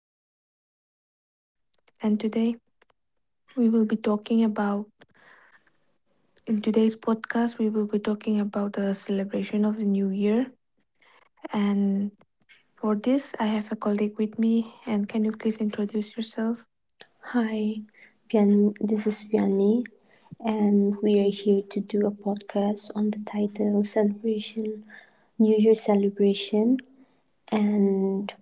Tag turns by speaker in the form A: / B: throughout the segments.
A: and I'm from Manipur. And today we will be talking about, in today's podcast, we will be talking about the celebration of the new year. And for this, I have a colleague with me. And can you please introduce yourself?
B: Hi, this is Vianney, and we are here to do a podcast on the title Celebration, New Year Celebration. And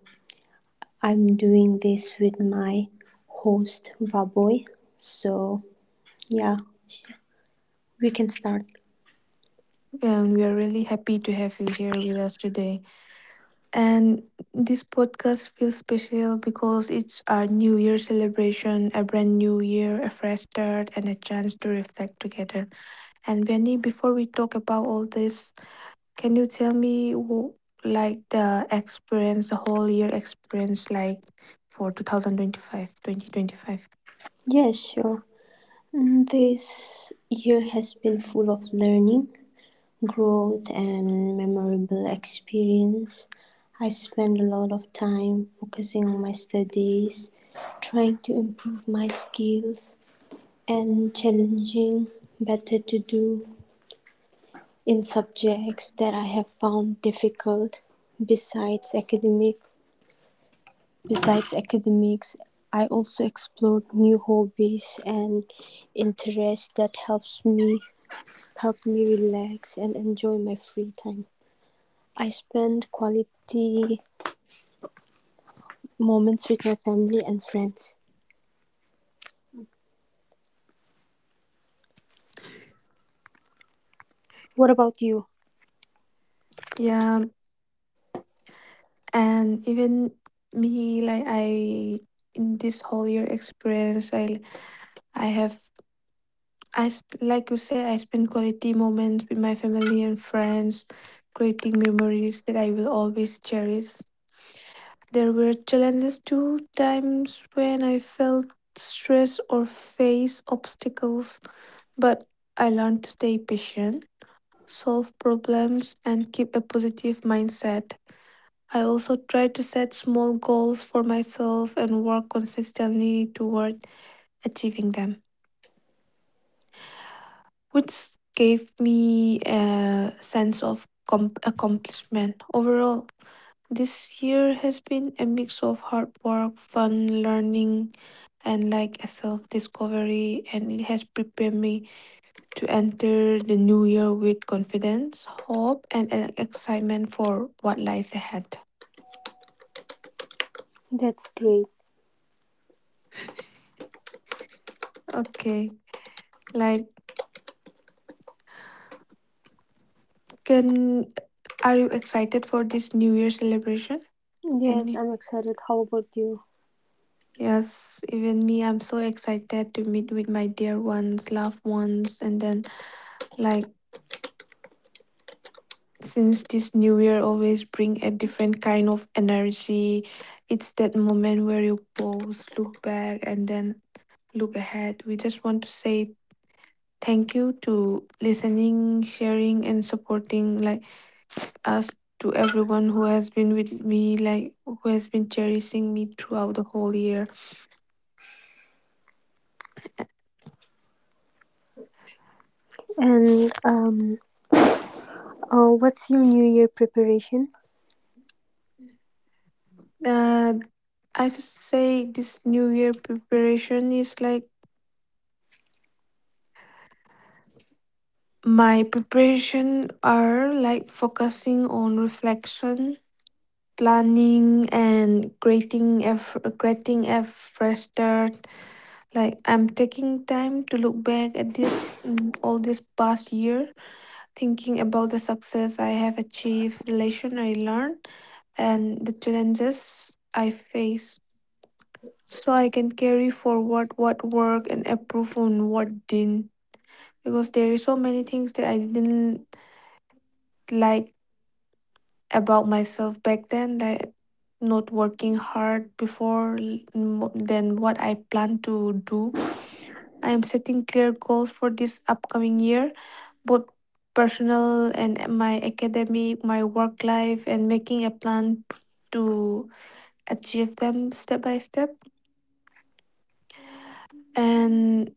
B: I'm doing this with my host, Vaboy. So, yeah, we can start.
A: And we are really happy to have you here with us today. And this podcast feels special because it's our new year celebration, a brand new year, a fresh start, and a chance to reflect together. And Benny, before we talk about all this, can you tell me like the experience, the whole year experience, like for 2025?
B: Yeah, sure. This year has been full of learning growth and memorable experience. I spent a lot of time focusing on my studies, trying to improve my skills, and challenging better to do in subjects that I have found difficult. Besides academic, besides academics, I also explored new hobbies and interests that help me relax and enjoy my free time. I spend quality moments with my family and friends. What about you?
A: Yeah, and even me, like I in this whole year experience, I have I sp- like you say, I spend quality moments with my family and friends, creating memories that I will always cherish. There were challenges too, times when I felt stressed or faced obstacles, but I learned to stay patient, solve problems, and keep a positive mindset. I also tried to set small goals for myself and work consistently toward achieving them, which gave me a sense of accomplishment overall. This year has been a mix of hard work, fun, learning, and like a self discovery, and it has prepared me to enter the new year with confidence, hope, and an excitement for what lies ahead.
B: That's great.
A: Okay, like, can are you excited for this New Year celebration?
B: Yes,
A: Penny?
B: I'm excited. How about you?
A: Yes, even me, I'm so excited to meet with my dear ones, loved ones, and then like since this new year always bring a different kind of energy, it's that moment where you pause, look back, and then look ahead. We just want to say thank you to listening, sharing, and supporting, like us, to everyone who has been with me, like who has been cherishing me throughout the whole year.
B: And what's your New Year preparation?
A: Uh, I should say this new year preparation is like my preparation are like focusing on reflection, planning, and creating creating a fresh start. Like I'm taking time to look back at this all this past year, thinking about the success I have achieved, the lesson I learned, and the challenges I face, so I can carry forward what worked and improve on what didn't. Because there is so many things that I didn't, like about myself back then, that not working hard before than what I plan to do. I am setting clear goals for this upcoming year, both personal and my academic, my work life, and making a plan to achieve them step by step. And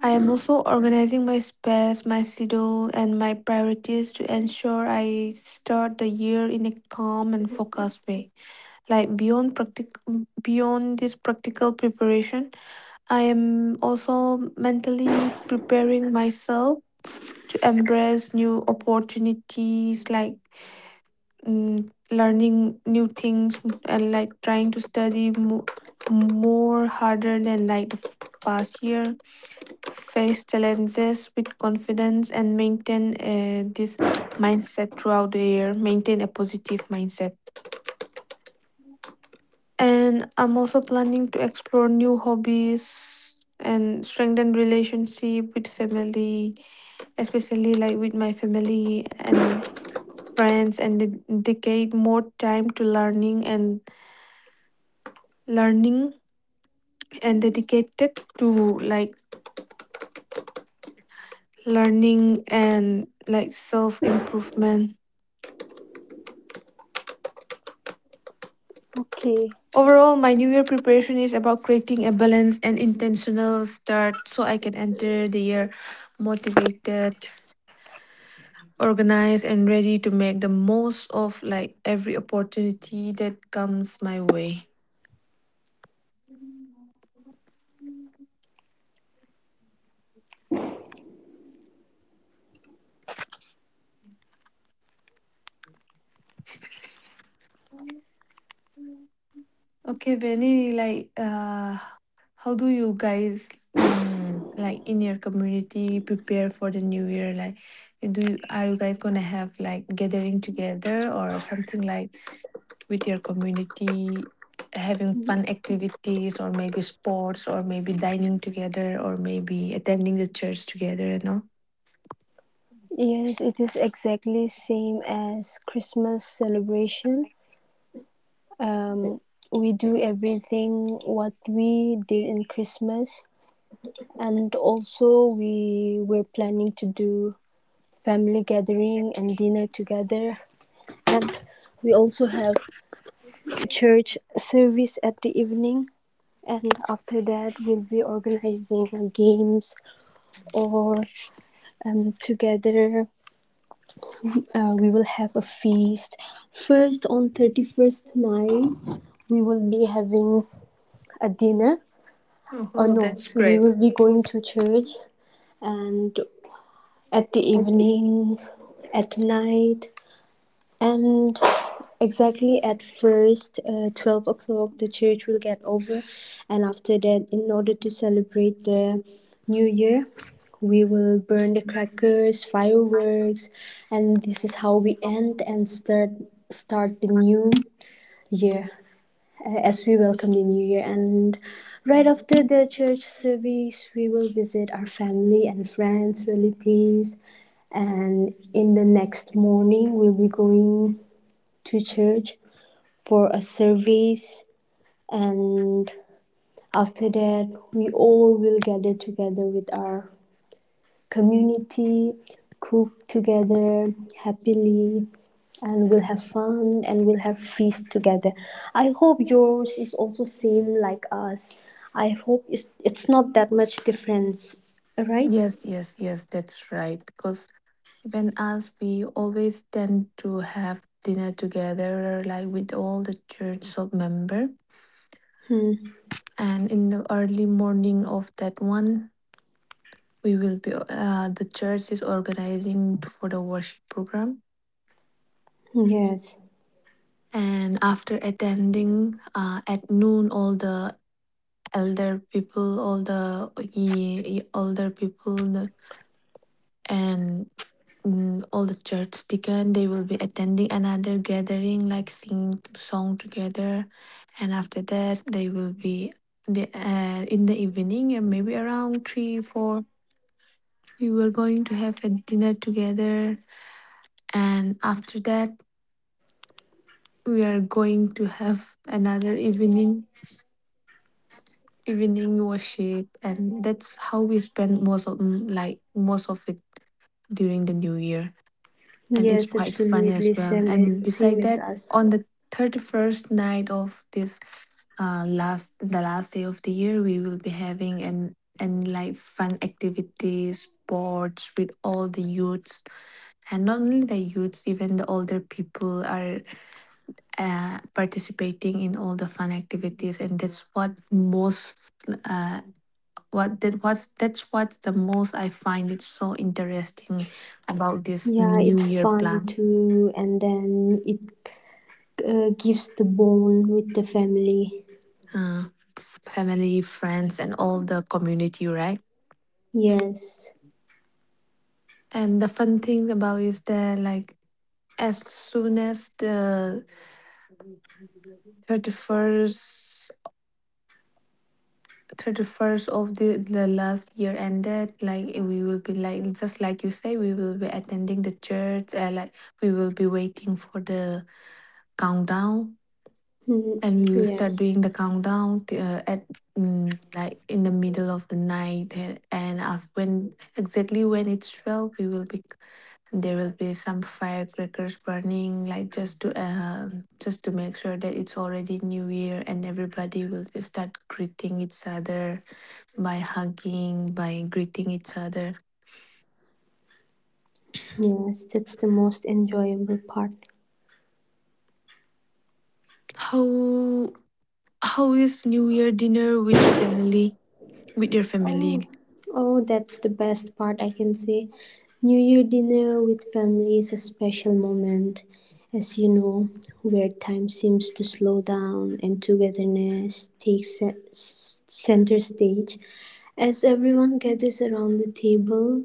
A: I am also organizing my space, my schedule, and my priorities to ensure I start the year in a calm and focused way. Like beyond this practical preparation, I am also mentally preparing myself to embrace new opportunities, like mm, learning new things, and like trying to study more harder than like past year, face challenges with confidence, and maintain this mindset throughout the year, maintain a positive mindset. And I'm also planning to explore new hobbies and strengthen relationship with family, especially like with my family and friends, and dedicate more time to learning and dedicated to like learning and like self improvement.
B: Okay.
A: Overall, my new year preparation is about creating a balanced and intentional start so I can enter the year motivated, organized, and ready to make the most of like every opportunity that comes my way. Okay, Benny, like how do you guys, like in your community, prepare for the new year? Like do you, are you guys gonna have like gathering together or something, like with your community, having fun activities, or maybe sports, or maybe dining together, or maybe attending the church together, you know?
B: Yes, it is exactly same as Christmas celebration. Um, we do everything what we did in Christmas, and also we were planning to do family gathering and dinner together, and we also have church service at the evening, and after that we'll be organizing games or together. We will have a feast first. On 31st night we will be having a dinner. Oh
A: Oh,
B: no,
A: that's
B: we
A: great.
B: will be going to church and at the evening, at night. And exactly at first, 12 o'clock, the church will get over. And after that, in order to celebrate the new year, we will burn the crackers, fireworks, and this is how we end and start the new year, as we welcome the new year. And right after the church service, we will visit our family and friends, relatives, and in the next morning, we'll be going to church for a service, and after that we all will gather together with our community, cook together happily, and we'll have fun and we'll have feast together. I hope yours is also same like us. I hope it's not that much difference, right?
A: Yes, yes, yes, that's right. Because even us, we always tend to have dinner together, like with all the church of member.
B: Hmm.
A: And in the early morning of that one, we will be, the church is organizing for the worship program.
B: Yes.
A: And after attending, at noon, all the elder people, all the older people, and all the church deacon, they will be attending another gathering like sing song together. And after that they will be the, in the evening, and maybe around three four we were going to have a dinner together. And after that we are going to have another evening worship, and that's how we spend most of, like most of it during the new year. And it's
B: Yes,
A: quite fun as
B: absolutely.
A: well.
B: Same,
A: And
B: same
A: beside
B: as
A: that,
B: us.
A: on the thirty-first night of this, last, the last day of the year, we will be having an and like fun activities, sports with all the youths, and not only the youths, even the older people are, participating in all the fun activities, and that's what most, uh, what that what's that's what the most I find it so interesting about this
B: Yeah,
A: New
B: it's
A: Year
B: fun
A: plan.
B: too, and then it gives the bond with the family.
A: uh, Family, friends, and all the community, right?
B: Yes,
A: And the fun thing about is that like as soon as the thirty first. 31st of the last year ended, like eh, we will be like, just like you say, we will be attending the church. And like we will be waiting for the countdown,
B: Mhm.
A: and we will start
B: Yes,
A: doing the countdown at like in the middle of the night, eh, and as when exactly when it's 12, we will be, there will be some firecrackers burning, like just to, just to make sure that it's already New Year, and everybody will be start greeting each other by hugging, by greeting each other.
B: yes. That's the most enjoyable part.
A: How how is New Year dinner with family, with your
B: Oh,
A: family?
B: oh, that's the best part. I can say, New Year dinner with family is a special moment, as you know, where time seems to slow down and togetherness takes center stage. As everyone gathers around the table,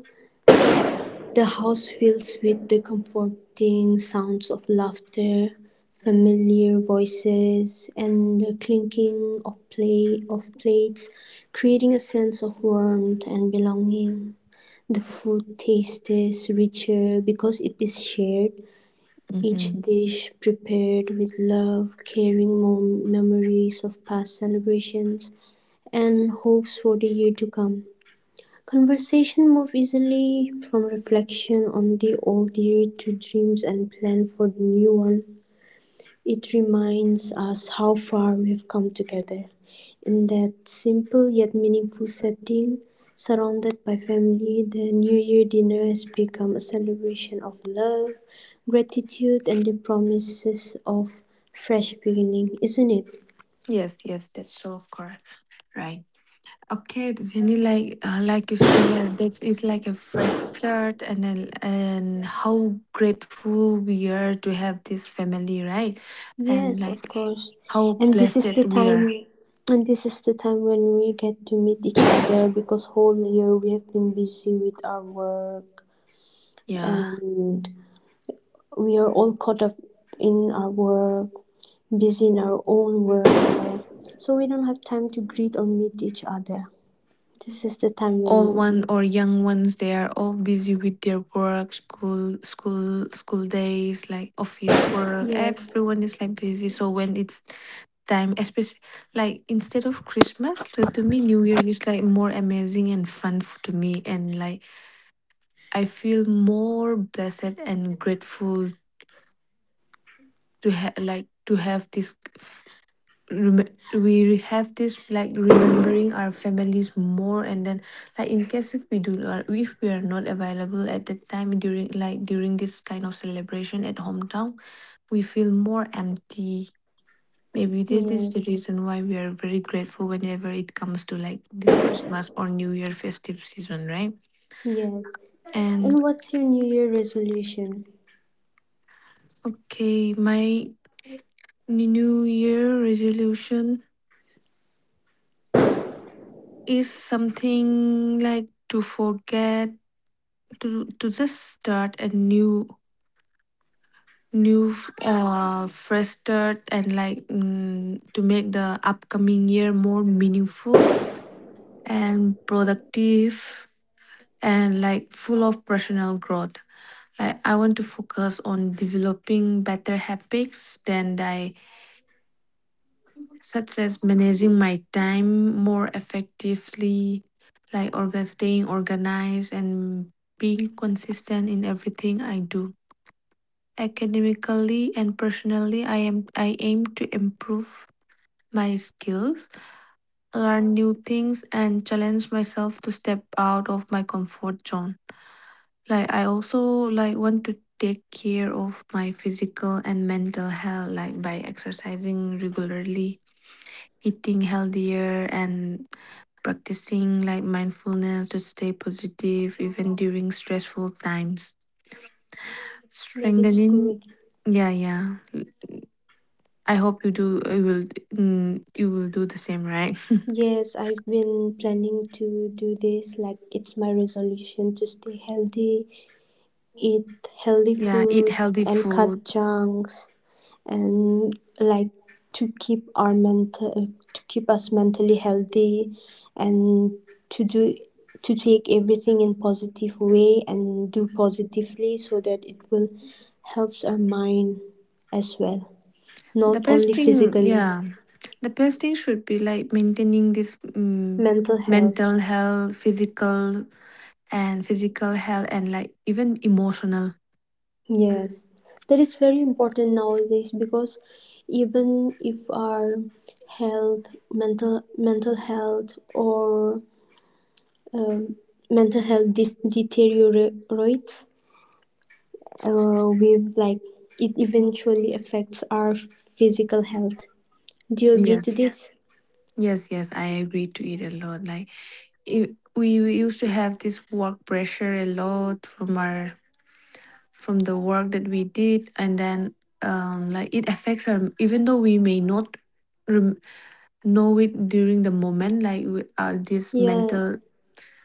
B: the house fills with the comforting sounds of laughter, familiar voices, and the clinking of play of plates, creating a sense of warmth and belonging. The food tastes richer because it is shared, each
A: Mm-hmm.
B: dish prepared with love, carrying memories of past celebrations and hopes for the year to come. Conversation move easily from reflection on the old year to dreams and plan for the new one. It reminds us how far we've come together. In that simple yet meaningful setting, surrounded by family, the New Year dinner has become a celebration of love, gratitude, and the promises of fresh beginning, isn't it?
A: Yes, yes, that's so correct. Right. Okay, Vinny, like you say, yeah, that is like a fresh start, and then and how grateful we are to have this family, right? And
B: Yes, of
A: like
B: course.
A: how
B: And this is the
A: blessed we
B: time
A: are.
B: and this is the time when we get to meet each other because whole year we have been busy with our work,
A: Yeah,
B: and we are all caught up in our work, busy in our own work. So we don't have time to greet or meet each other. This is the time
A: all
B: when
A: one
B: we
A: or
B: get.
A: young ones, they are all busy with their work, school, school days, like office work.
B: Yes.
A: Everyone is like busy. So when it's time, especially like instead of Christmas, to me, New Year is like more amazing and fun to me, and like I feel more blessed and grateful to like to have this rem- we have this like remembering our families more, and then like in case if we do not, if we are not available at that time during, like during this kind of celebration at hometown, we feel more empty. Maybe this is the
B: Yes.
A: reason why we are very grateful whenever it comes to like this christmas or new year festive season, right?
B: Yes.
A: And.
B: And what's your new year resolution?
A: Okay, my New Year resolution is something like to forget, to just start a new fresh start, and like, to make the upcoming year more meaningful and productive, and like full of personal growth. Like I want to focus on developing better habits than I, such as managing my time more effectively, like staying organized and being consistent in everything I do. Academically and personally, I aim to improve my skills, learn new things, and challenge myself to step out of my comfort zone. Like I also like want to take care of my physical and mental health, like by exercising regularly, eating healthier, and practicing like mindfulness to stay positive even during stressful times,
B: That is
A: strengthening.
B: good.
A: Yeah, yeah, I hope you do, you will, you will do the same, right?
B: Yes, I've been planning to do this. Like, it's my resolution to stay healthy, eat healthy
A: Yeah, eat
B: food,
A: healthy
B: and
A: food.
B: cut junks, and like to keep our to keep us mentally healthy, and to do to take everything in positive way and do positively so that it will helps our mind as well, not
A: the best
B: only
A: thing
B: physically,
A: yeah, the best thing should be like maintaining this,
B: mental health.
A: mental health, physical health, and like even emotional.
B: Yes, that is very important nowadays because even if our health, mental health, or um, mental health deteriorates, we like it eventually affects our physical health. Do you agree to
A: Yes,
B: this?
A: yes, yes, I agree. To eat a lot, like it, we used to have this work pressure a lot from our, from the work that we did, and then, um, like it affects our, even though we may not rem- know it during the moment, like we, this
B: Yeah.
A: mental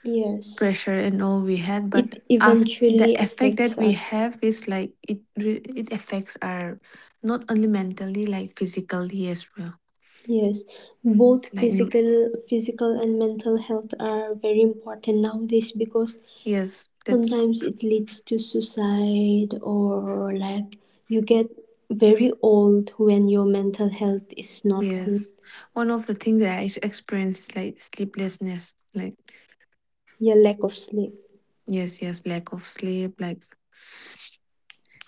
B: Yes,
A: pressure and all we had, but
B: it
A: after the
B: eventually
A: effect that
B: affects
A: we
B: us.
A: have is like it affects our not only mentally, like physically as well.
B: Yes, both
A: like n-
B: physical and mental health are very important nowadays because
A: yes, that's,
B: sometimes it leads to suicide or like you get very old when your mental health is not good.
A: yes. One of the things that I experience is like sleeplessness. Like
B: Your lack of sleep.
A: yes, yes, lack of sleep, like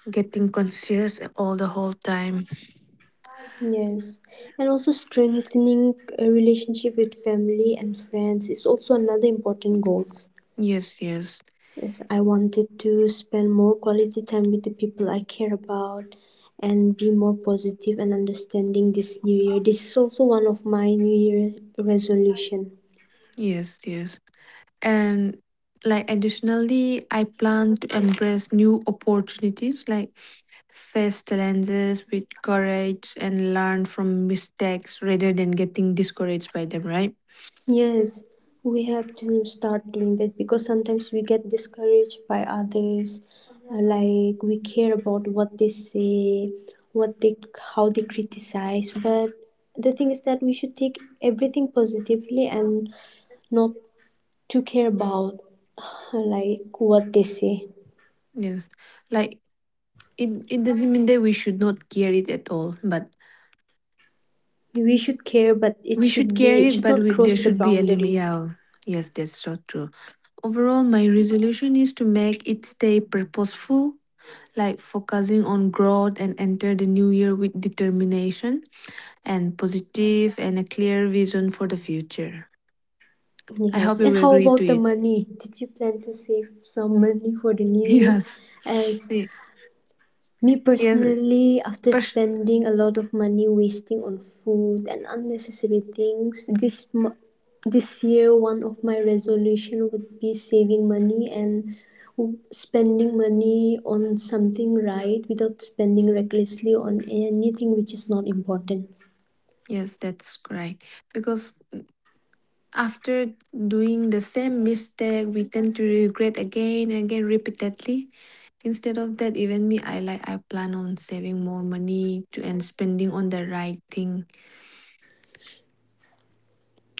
A: getting conscious all the whole time.
B: Yes, and also strengthening a relationship with family and friends is also another important goal.
A: Yes, yes.
B: Yes, I wanted to spend more quality time with the people I care about and be more positive and understanding this new year. This is also one of my new year resolution.
A: Yes, yes. And like additionally, I plan to embrace new opportunities, like face challenges with courage and learn from mistakes rather than getting discouraged by them, right?
B: Yes, we have to start doing that because sometimes we get discouraged by others, like we care about what they say, what they how they criticize, but the thing is that we should take everything positively and not to care about like what they say.
A: Yes. Like it doesn't mean that we should not care it at all, but
B: We should care, but
A: we should carry
B: it
A: it,
B: should
A: but
B: not
A: we, there
B: cross the
A: should be a limit.
B: boundary.
A: Yeah, yes, that's so true. Overall, my resolution is to make it stay purposeful, like focusing on growth and enter the new year with determination and positive and a clear vision for the future. I hope
B: Yes,
A: you
B: and
A: will
B: how
A: agree to
B: about the
A: it.
B: money? Did you plan to save some money for the new year?
A: Yes.
B: As
A: Ye-
B: Me
A: Yes.
B: personally, after
A: pers-
B: spending a lot of money wasting on food and unnecessary things, this year one of my resolution would be saving money and spending money on something right without spending recklessly on anything which is not important.
A: Yes, that's right. Because after doing the same mistake, we tend to regret again and again repeatedly. Instead of that, even me, I plan on saving more money to and spending on the right thing.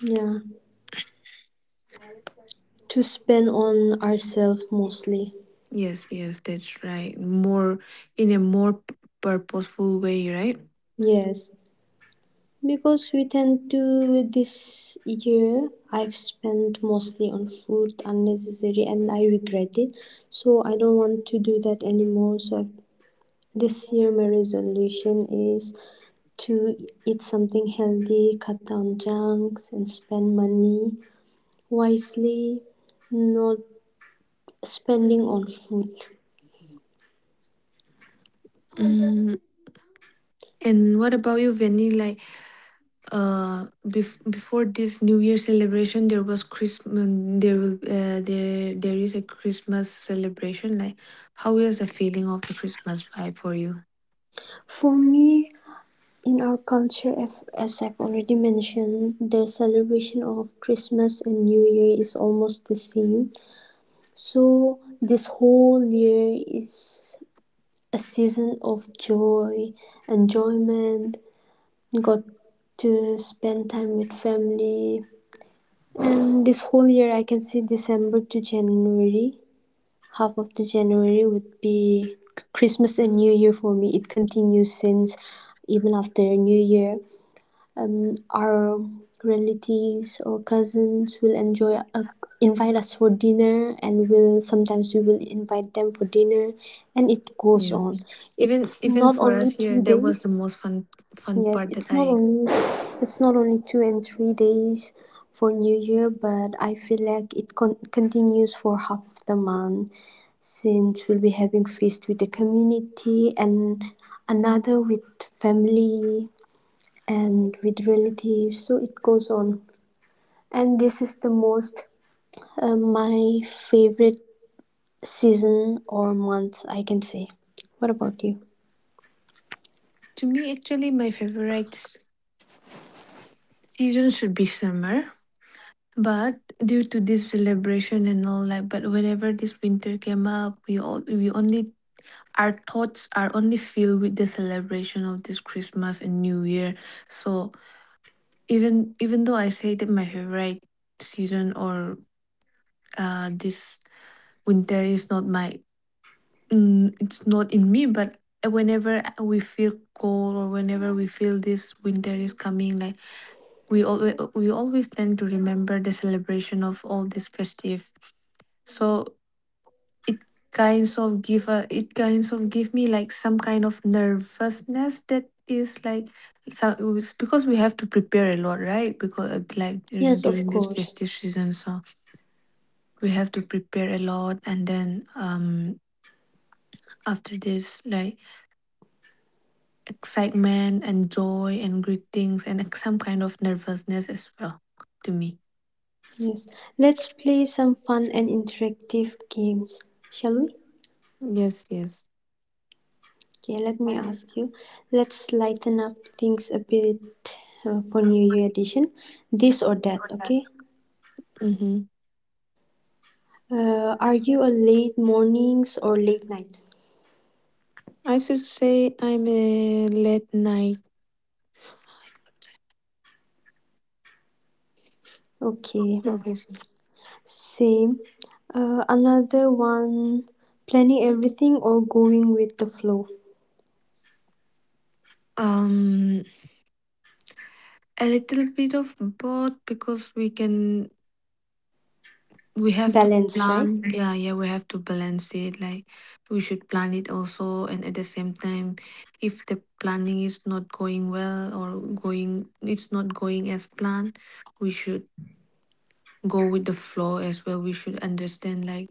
B: Yeah, to spend on ourselves mostly.
A: Yes, yes, that's right. More in a more purposeful way, right?
B: Yes. Because we tend to this year I've spent mostly on food unnecessary and I regret it. So I don't want to do that anymore. So this year my resolution is to eat something healthy, cut down junks and spend money wisely, not spending on food.
A: Mm, and what about you, Venny? Like, before this New Year celebration, there was Christmas. There will there is a Christmas celebration. Like, how is the feeling of the Christmas vibe for you?
B: For me, in our culture, as I've already mentioned, the celebration of Christmas and New Year is almost the same. So, this whole year is a season of joy, enjoyment, got to spend time with family. And this whole year, I can say December to January, half of the January would be Christmas and New Year for me. It continues since even after New Year our relatives or cousins will enjoy invite us for dinner and will sometimes we will invite them for dinner and it goes
A: Yes,
B: on.
A: even
B: It's
A: even
B: not
A: for
B: only
A: us here,
B: two
A: that was the
B: days
A: most fun
B: Yes,
A: part that I.
B: it's not only 2 and 3 days for new year, but I feel like it continues for half of the month since we'll be having feast with the community and another with family and with relatives. So it goes on. And this is the most my favorite season or month, I can say. What about you?
A: To me, actually, my favorite season should be summer. But due to this celebration and all, like, but whenever this winter came up, we only our thoughts are only filled with the celebration of this Christmas and New Year. So even though I say that my favorite season or this winter is not my mm, it's not in me, but whenever we feel cold or whenever we feel this winter is coming, like we always tend to remember the celebration of all this festive, so it kinds of give a it kinds of give me like some kind of nervousness that is like some it's because we have to prepare a lot, right? Because
B: Yes, of
A: during this
B: course.
A: festive season, so we have to prepare a lot and then after this like excitement and joy and greetings and, like, some kind of nervousness as well to me.
B: Yes. Let's play some fun and interactive games, shall we?
A: Yes, yes.
B: Okay, let me ask you. Let's lighten up things a bit for New Year edition. This or that, okay?
A: Mm-hmm.
B: Are you a late mornings or late night?
A: I should say I'm a late night.
B: Okay.
A: Okay.
B: Same. Another one, planning everything or going with the flow.
A: Um, a little bit of both because we can we have to
B: Balance, right?
A: plan. Yeah, yeah, we have to balance it. Like we should plan it also, and at the same time, if the planning is not going well or going, it's not going as planned, we should go with the flow as well. We should understand. Like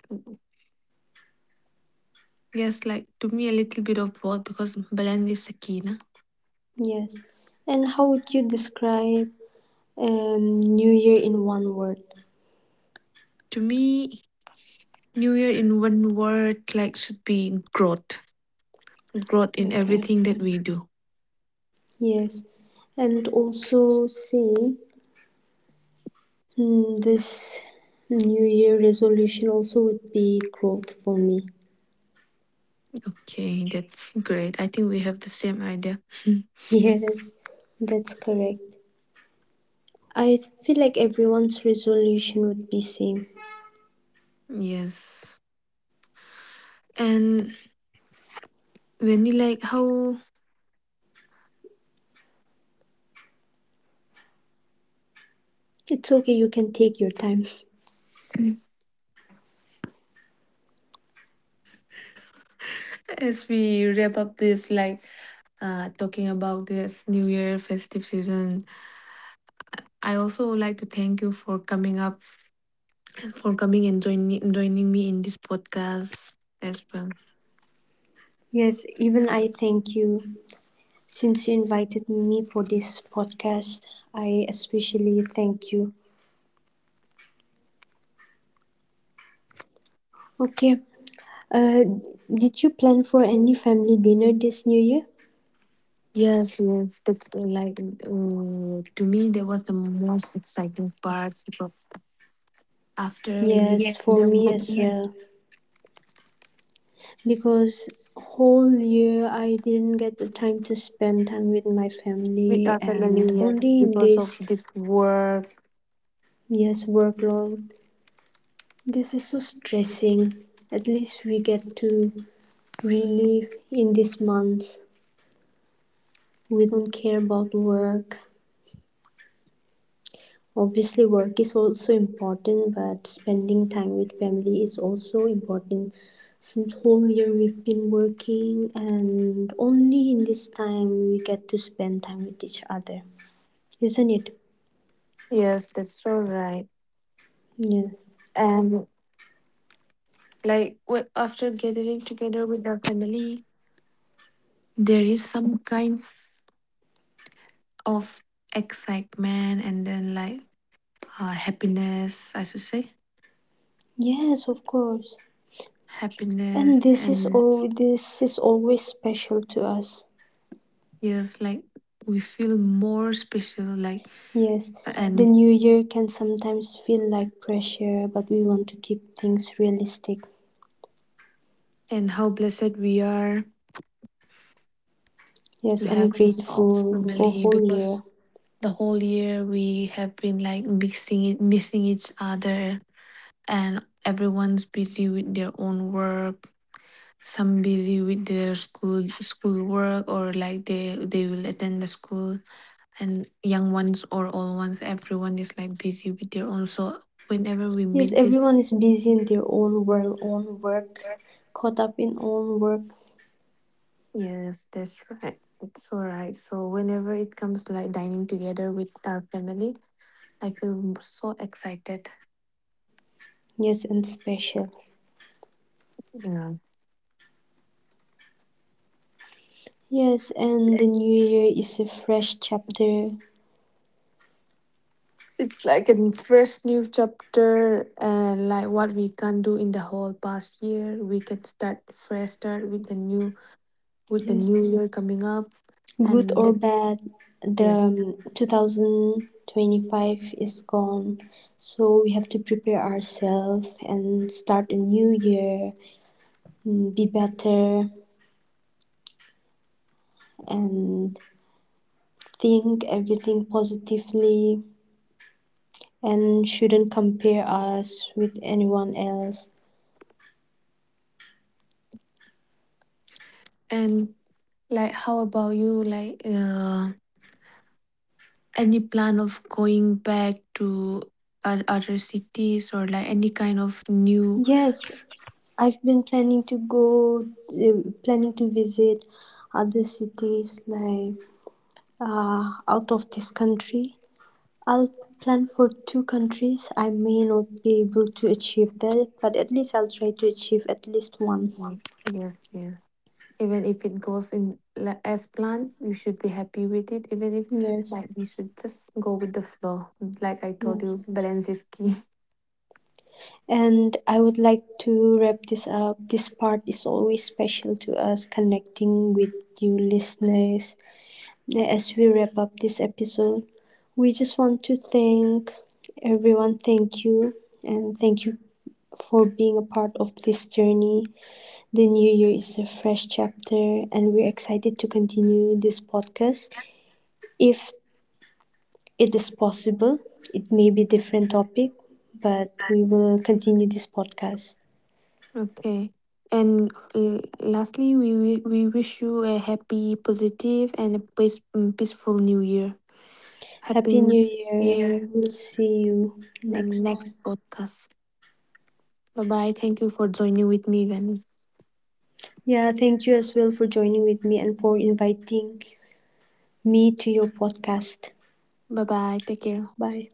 A: yes, like to me, a little bit of both because balance is the key, na.
B: Yes. And how would you describe New Year in one word?
A: To me, New Year in one word like should be growth. Growth in
B: Okay.
A: everything that we do.
B: Yes. And also say this New Year resolution also would be growth for me.
A: Okay, that's great. I think we have the same idea.
B: Yes, that's correct. I feel like everyone's resolution would be same.
A: Hmm. Yes. And when you like how
B: It's okay, you can take your time.
A: as we wrap up this like talking about this new year festive season, I also would like to thank you for coming up, for coming and joining me in this podcast as well.
B: Yes, even I thank you. Since you invited me for this podcast, I especially thank you. Okay, uh, did you plan for any family dinner this new year?
A: Yes, yes. The, like to me, there was the most exciting part because after meeting
B: Yes,
A: yes,
B: for
A: them
B: me
A: with,
B: as
A: yes,
B: well. Because whole year I didn't get the time to spend time with my
A: with
B: family
A: our
B: and
A: family, yes,
B: only in
A: because of
B: this
A: this work.
B: yes workload. This is so stressing. At least we get to relive in this month. We don't care about work. Obviously work is also important but spending time with family is also important, since whole year we've been working and only in this time we get to spend time with each other, isn't it?
A: Yes, that's so right.
B: Yes,
A: And like after gathering together with our family, there is some kind of excitement and then like happiness. I should say
B: yes, of course.
A: happiness
B: And this is
A: and
B: all, this is always special to us.
A: yes, like we feel more special. Like
B: Yes,
A: and
B: the new year can sometimes feel like pressure but we want to keep things realistic.
A: and how blessed we are to
B: Yes,
A: have
B: and
A: this all
B: grateful for
A: family
B: whole
A: because
B: year.
A: the whole year we have been like mixing it missing each other, and everyone's busy with their own work, some busy with their school work or like they will attend the school, and young ones or old ones, everyone is like busy with their own, so whenever we
B: Yes,
A: meet this.
B: everyone is busy in their own world, own work, caught up in own work.
A: Yes, that's right. It's all right. So whenever it comes to like dining together with our family, I feel so excited.
B: Yes, and special.
A: Yeah.
B: Yes, and the new year is a fresh chapter.
A: It's like a fresh new chapter, and like what we can do in the whole past year. We can start fresh, start with the new, with the
B: Yes,
A: new year coming up
B: good
A: and
B: or
A: that,
B: bad, the
A: yes.
B: 2025 is gone. So we have to prepare ourselves and start a new year, be better, and think everything positively and shouldn't compare us with anyone else.
A: And like how about you, like any plan of going back to other cities or like any kind of new.
B: Yes, I've been planning to go, planning to visit other cities like out of this country. I'll plan for two countries. I may not be able to achieve that, but at least I'll try to achieve at least one.
A: Mm, yes, yes. Even if it goes in as planned, you should be happy with it. Even if,
B: Yes,
A: like, we should just go with the flow. Like I told
B: yes.
A: you, balance is key.
B: And I would like to wrap this up. This part is always special to us, connecting with you listeners. Now, as we wrap up this episode, we just want to thank everyone. Thank you. And thank you for being a part of this journey. The new year is a fresh chapter, and we're excited to continue this podcast. If it is possible, it may be a different topic, but we will continue this podcast.
A: Okay. And lastly, we wish you a happy, positive, and a peace, mm, peaceful New Year. Happy
B: Happy
A: New
B: New Year.
A: Year.
B: We'll see you
A: The
B: next time.
A: next podcast. Bye bye. Thank you for joining with me, Vani.
B: Yeah, thank you as well for joining with me and for inviting me to your podcast.
A: Bye bye. Take care.
B: Bye.